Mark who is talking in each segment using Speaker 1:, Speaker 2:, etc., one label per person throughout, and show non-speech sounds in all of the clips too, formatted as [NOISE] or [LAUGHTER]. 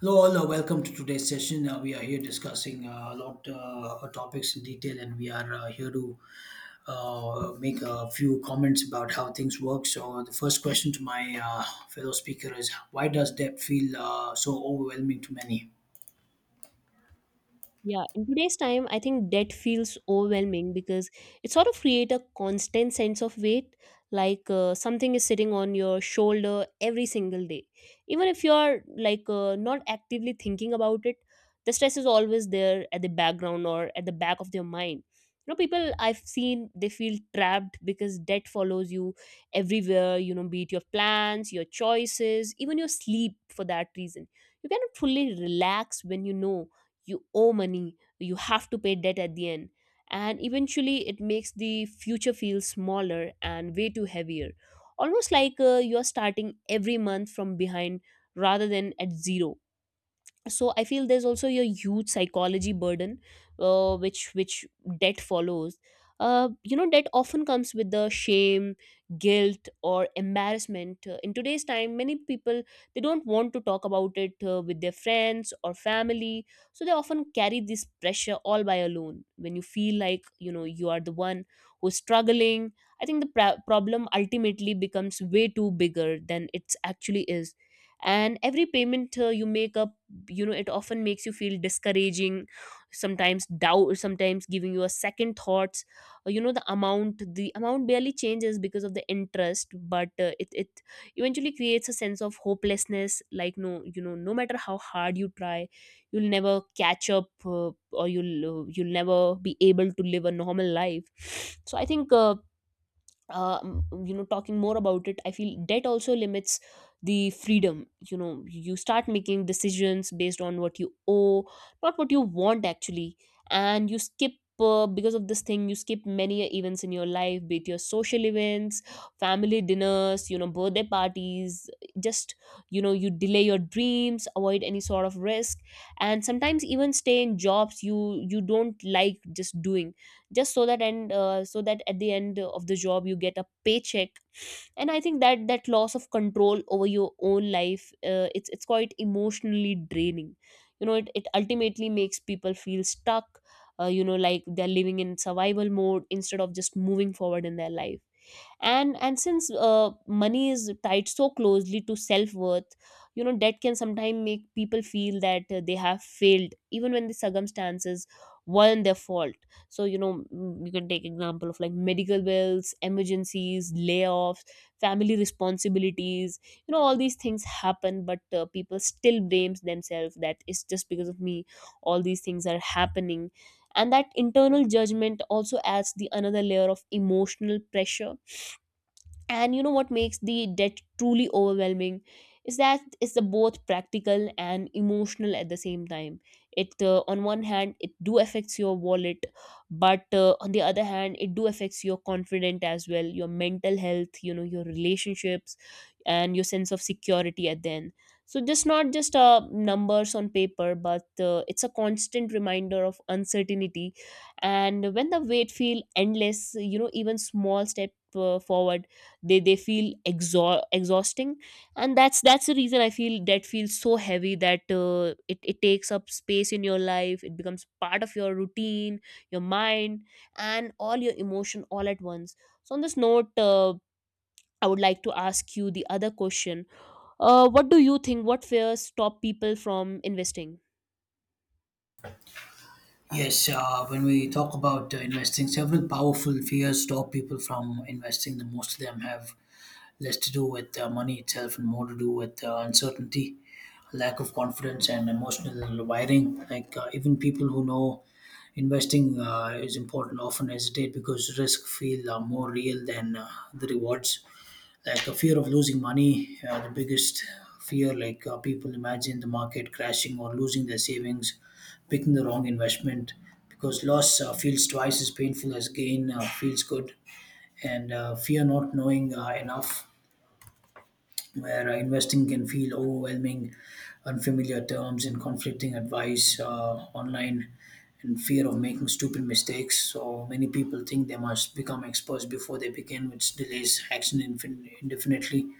Speaker 1: Hello, all. Welcome to today's session. We are here discussing a lot of topics in detail, and we are here to make a few comments about how things work. So, the first question to my fellow speaker is why does debt feel so overwhelming to many?
Speaker 2: Yeah, in today's time, I think debt feels overwhelming because it sort of create a constant sense of weight, like something is sitting on your shoulder every single day. Even if you're like not actively thinking about it, the stress is always there at the background or at the back of their mind. You know, people I've seen they feel trapped because debt follows you everywhere. You know, be it your plans, your choices, even your sleep. For that reason, you cannot fully relax when you know you owe money, you have to pay debt at the end, and eventually it makes the future feel smaller and way too heavier, almost like you're starting every month from behind rather than at zero. So I feel there's also a huge psychology burden which debt follows. You know, debt often comes with the shame, guilt or embarrassment. In today's time many people, they don't want to talk about it with their friends or family, so they often carry this pressure all by alone. When you feel like, you know, you are the one who's struggling, I think the problem ultimately becomes way too bigger than it actually is. And every payment you make up, you know, it often makes you feel discouraging, sometimes doubt, sometimes giving you a second thoughts. You know, the amount barely changes because of the interest, but it eventually creates a sense of hopelessness, like, no, you know, no matter how hard you try, you'll never catch up, or you'll never be able to live a normal life. [SNIFFS] So I think you know, talking more about it, I feel debt also limits the freedom. You know, you start making decisions based on what you owe, not what you want actually. And you skip, because of this thing, you skip many events in your life, be it your social events, family dinners, you know, birthday parties, just, you know, you delay your dreams, avoid any sort of risk, and sometimes even stay in jobs you don't like, just doing, just so that, and so that at the end of the job you get a paycheck. And I think that loss of control over your own life, it's quite emotionally draining. You know, it ultimately makes people feel stuck, you know, like they're living in survival mode instead of just moving forward in their life. And since money is tied so closely to self-worth, you know, debt can sometimes make people feel that they have failed even when the circumstances weren't their fault. So, you know, you can take example of like medical bills, emergencies, layoffs, family responsibilities, you know, all these things happen, but people still blames themselves that it's just because of me all these things are happening. And that internal judgment also adds the another layer of emotional pressure. And, you know, what makes the debt truly overwhelming is that it's the both practical and emotional at the same time. It On one hand it do affects your wallet, but on the other hand it do affects your confidence as well, your mental health, you know, your relationships, and your sense of security at the end. So just not just numbers on paper, but it's a constant reminder of uncertainty. And when the weight feel endless, you know, even small step forward, they feel exhausting. And that's the reason I feel debt feels so heavy, that it takes up space in your life, it becomes part of your routine, your mind, and all your emotion all at once. So on this note, I would like to ask you the other question. What do you think? What fears stop people from investing?
Speaker 1: Yes, when we talk about investing, several powerful fears stop people from investing. The most of them have less to do with money itself and more to do with uncertainty, lack of confidence, and emotional wiring. Even people who know investing is important often hesitate because risk feel more real than the rewards. Like a fear of losing money, the biggest fear. People imagine the market crashing or losing their savings, picking the wrong investment because loss feels twice as painful as gain feels good. And Fear not knowing enough, where investing can feel overwhelming, unfamiliar terms, and conflicting advice online, and fear of making stupid mistakes. So many people think they must become experts before they begin, which delays action indefinitely.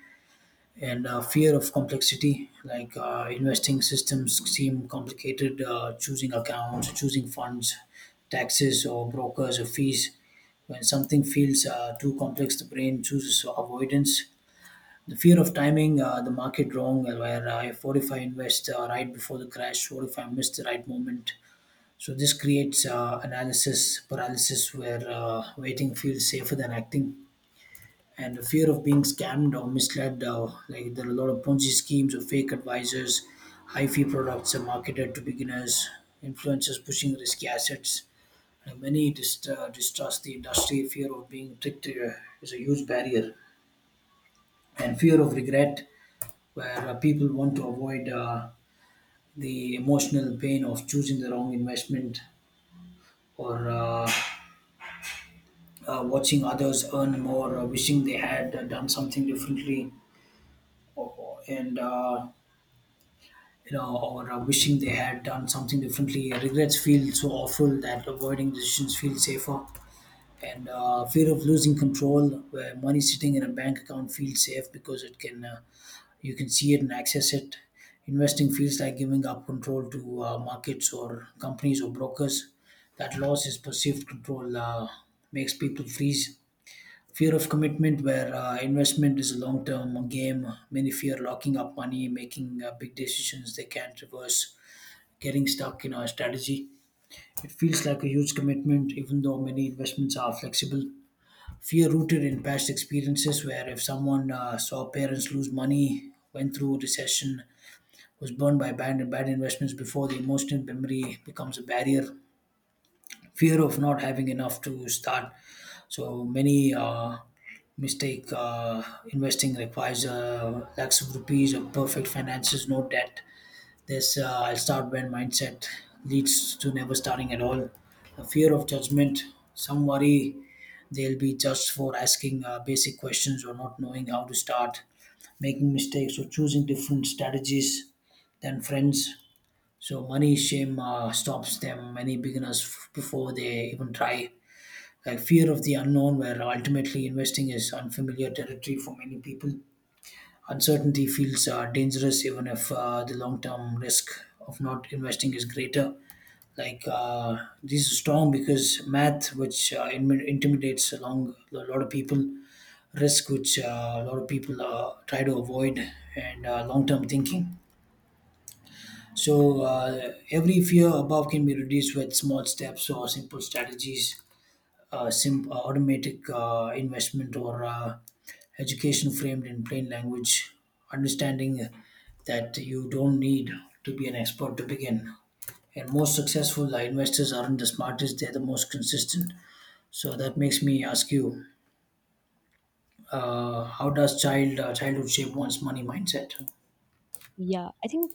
Speaker 1: And fear of complexity, like investing systems seem complicated, choosing accounts, choosing funds, taxes, or brokers, or fees. When something feels too complex, the brain chooses avoidance. The fear of timing the market wrong, where if what if I invest right before the crash, what if I miss the right moment? So this creates analysis paralysis, where waiting feels safer than acting, and the fear of being scammed or misled. Like there are a lot of Ponzi schemes or fake advisors, high fee products are marketed to beginners, influencers pushing risky assets. And many distrust the industry. Fear of being tricked is a huge barrier, and fear of regret, where people want to avoid the emotional pain of choosing the wrong investment or watching others earn more, or wishing they had done something differently, or, or- and uh, or wishing they had done something differently. Regrets feel so awful that avoiding decisions feels safer. And fear of losing control, where money sitting in a bank account feels safe because it can you can see it and access it. Investing feels like giving up control to markets or companies or brokers. That loss is perceived control, makes people freeze. Fear of commitment, where investment is a long term game. Many fear locking up money, making big decisions they can't reverse, getting stuck in a strategy. It feels like a huge commitment, even though many investments are flexible. Fear rooted in past experiences, where if someone saw parents lose money, went through a recession, was burned by bad investments before, the emotional memory becomes a barrier. Fear of not having enough to start. So many mistake investing requires lakhs of rupees or perfect finances, no debt. This I'll start when mindset leads to never starting at all. The fear of judgment, some worry they'll be judged for asking basic questions or not knowing how to start, making mistakes or choosing different strategies than friends. So money shame stops them many beginners before they even try. Like fear of the unknown, where ultimately investing is unfamiliar territory for many people. Uncertainty feels dangerous, even if the long-term risk of not investing is greater. These are strong because math, which intimidates a lot of people, risk, which a lot of people try to avoid, and long-term thinking. So every fear above can be reduced with small steps or simple strategies, automatic investment or education framed in plain language, understanding that you don't need to be an expert to begin. And most successful investors aren't the smartest; they're the most consistent. So that makes me ask you, how does childhood shape one's money mindset?
Speaker 2: Yeah, I think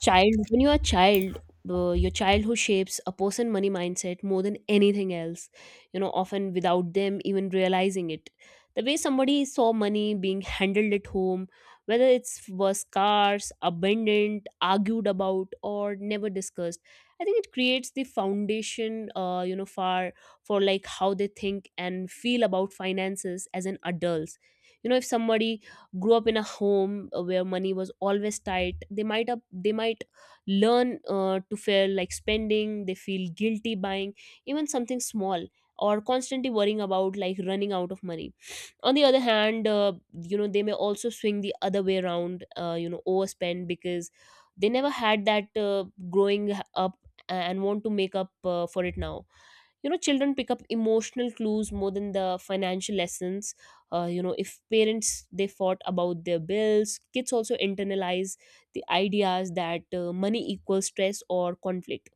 Speaker 2: child when you're a child, your childhood shapes a person money mindset more than anything else, you know, often without them even realizing it. The way somebody saw money being handled at home, whether it's was scarce, abundant, argued about or never discussed, I think it creates the foundation. You know, for like how they think and feel about finances as an adults. You know, if somebody grew up in a home where money was always tight, they might learn to feel like spending, they feel guilty buying even something small, or constantly worrying about like running out of money. On the other hand, you know, they may also swing the other way around, you know, overspend because they never had that growing up and want to make up for it now. You know, children pick up emotional clues more than the financial lessons. You know, if parents they fought about their bills, kids also internalize the ideas that money equals stress or conflict.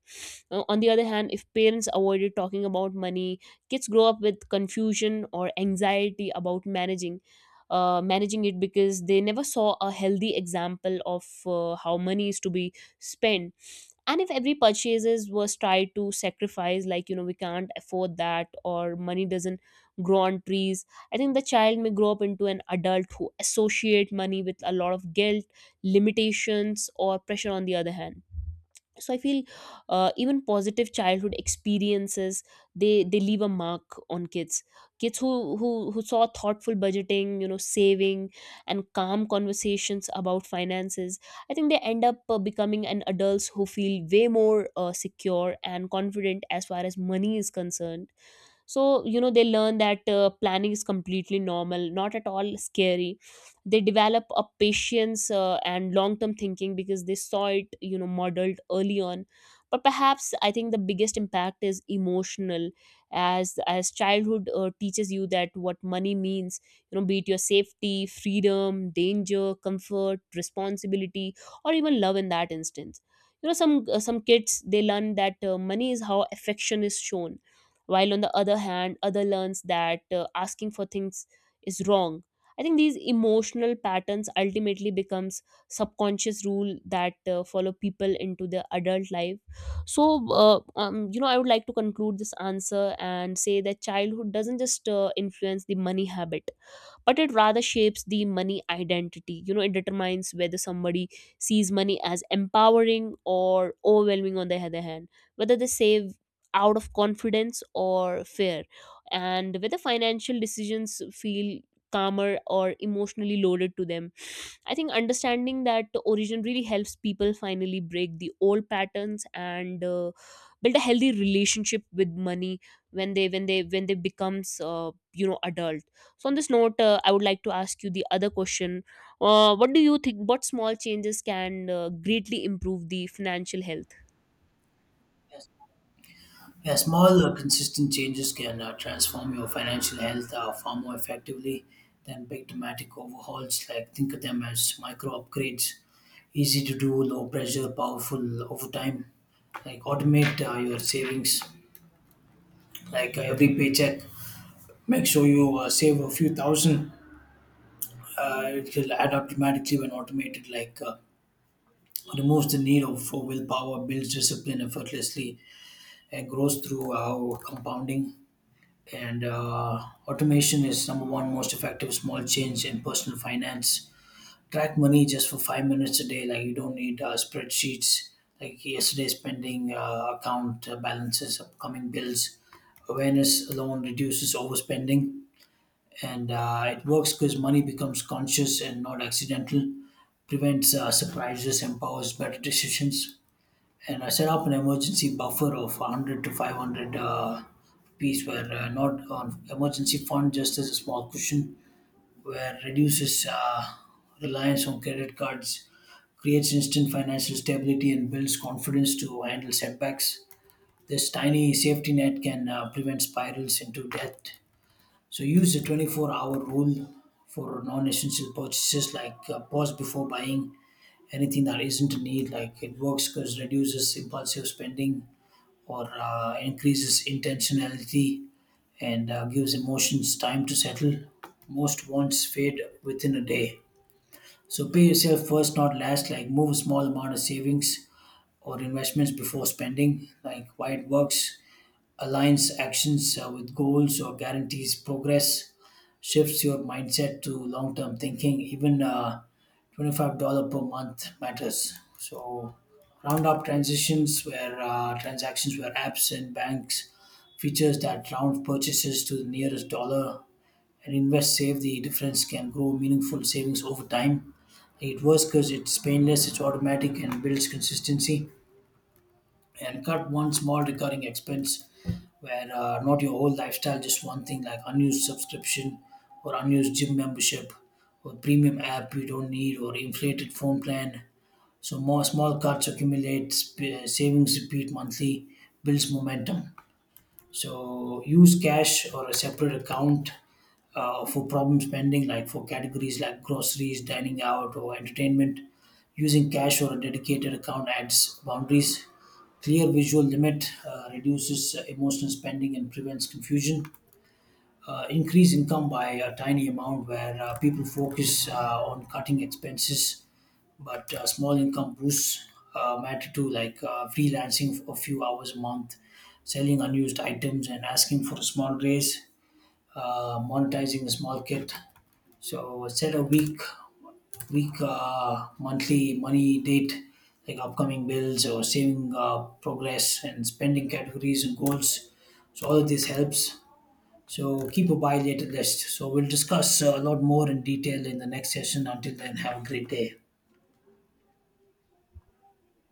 Speaker 2: On the other hand, if parents avoided talking about money, kids grow up with confusion or anxiety about managing, managing it, because they never saw a healthy example of how money is to be spent. And if every purchases was tried to sacrifice, like, you know, we can't afford that, or money doesn't grow on trees, I think the child may grow up into an adult who associate money with a lot of guilt, limitations or pressure on the other hand. So I feel even positive childhood experiences, they leave a mark on kids. Kids who who saw thoughtful budgeting, you know, saving and calm conversations about finances, I think they end up becoming an adults who feel way more secure and confident as far as money is concerned. So, you know, they learn that planning is completely normal, not at all scary. They develop a patience and long term thinking because they saw it, you know, modeled early on. But perhaps I think the biggest impact is emotional, as childhood teaches you that what money means, you know, be it your safety, freedom, danger, comfort, responsibility, or even love in that instance. You know, some kids, they learn that money is how affection is shown, while on the other hand, other learns that asking for things is wrong. I think these emotional patterns ultimately becomes subconscious rule that follow people into their adult life. So you know, I would like to conclude this answer and say that childhood doesn't just influence the money habit, but it rather shapes the money identity. You know, it determines whether somebody sees money as empowering or overwhelming on the other hand, whether they save out of confidence or fear, and whether financial decisions feel calmer or emotionally loaded to them. I think understanding that origin really helps people finally break the old patterns and build a healthy relationship with money when they becomes, you know, adult. So on this note, I would like to ask you the other question. What do you think? What small changes can greatly improve the financial health?
Speaker 1: Yeah, small, consistent changes can transform your financial health far more effectively than big dramatic overhauls. Like think of them as micro upgrades, easy to do, low pressure, powerful over time. Like automate your savings, like every paycheck. Make sure you save a few thousand. It will add up dramatically when automated. Removes the need of for willpower, builds discipline effortlessly, and grows through compounding. And automation is number one most effective small change in personal finance. Track money just for 5 minutes a day. Like you don't need spreadsheets, like yesterday's spending, account balances, upcoming bills. Awareness alone reduces overspending, and it works because money becomes conscious and not accidental, prevents surprises, empowers better decisions. And I set up an emergency buffer of 100 to 500 piece, where not on emergency fund, just as a small cushion, where reduces reliance on credit cards, creates instant financial stability, and builds confidence to handle setbacks. This tiny safety net can prevent spirals into debt. So use the 24-hour rule for non essential purchases. Like pause before buying anything that isn't a need. Like it works because reduces impulsive spending or increases intentionality, and gives emotions time to settle. Most wants fade within a day. So pay yourself first, not last. Like move a small amount of savings or investments before spending. Like why it works, aligns actions with goals or guarantees progress, shifts your mindset to long term thinking. Even $25 per month matters. So, round up transitions where transactions, where apps and banks features that round purchases to the nearest dollar and invest, save the difference, can grow meaningful savings over time. It works because it's painless, it's automatic, and builds consistency. And cut one small recurring expense, where not your whole lifestyle, just one thing, like unused subscription or unused gym membership or premium app you don't need or inflated phone plan. So more small cuts accumulate, savings repeat monthly, builds momentum. So use cash or a separate account for problem spending, like for categories like groceries, dining out, or entertainment. Using cash or a dedicated account adds boundaries. Clear visual limit reduces emotional spending and prevents confusion. Increase income by a tiny amount, where people focus on cutting expenses, but small income boosts matter too, like freelancing for a few hours a month, selling unused items, and asking for a small raise, monetizing a small kit. So set a week, monthly money date, like upcoming bills or saving progress and spending categories and goals. So all of this helps. So keep a buy later list. So we'll discuss a lot more in detail in the next session. Until then, have a great day.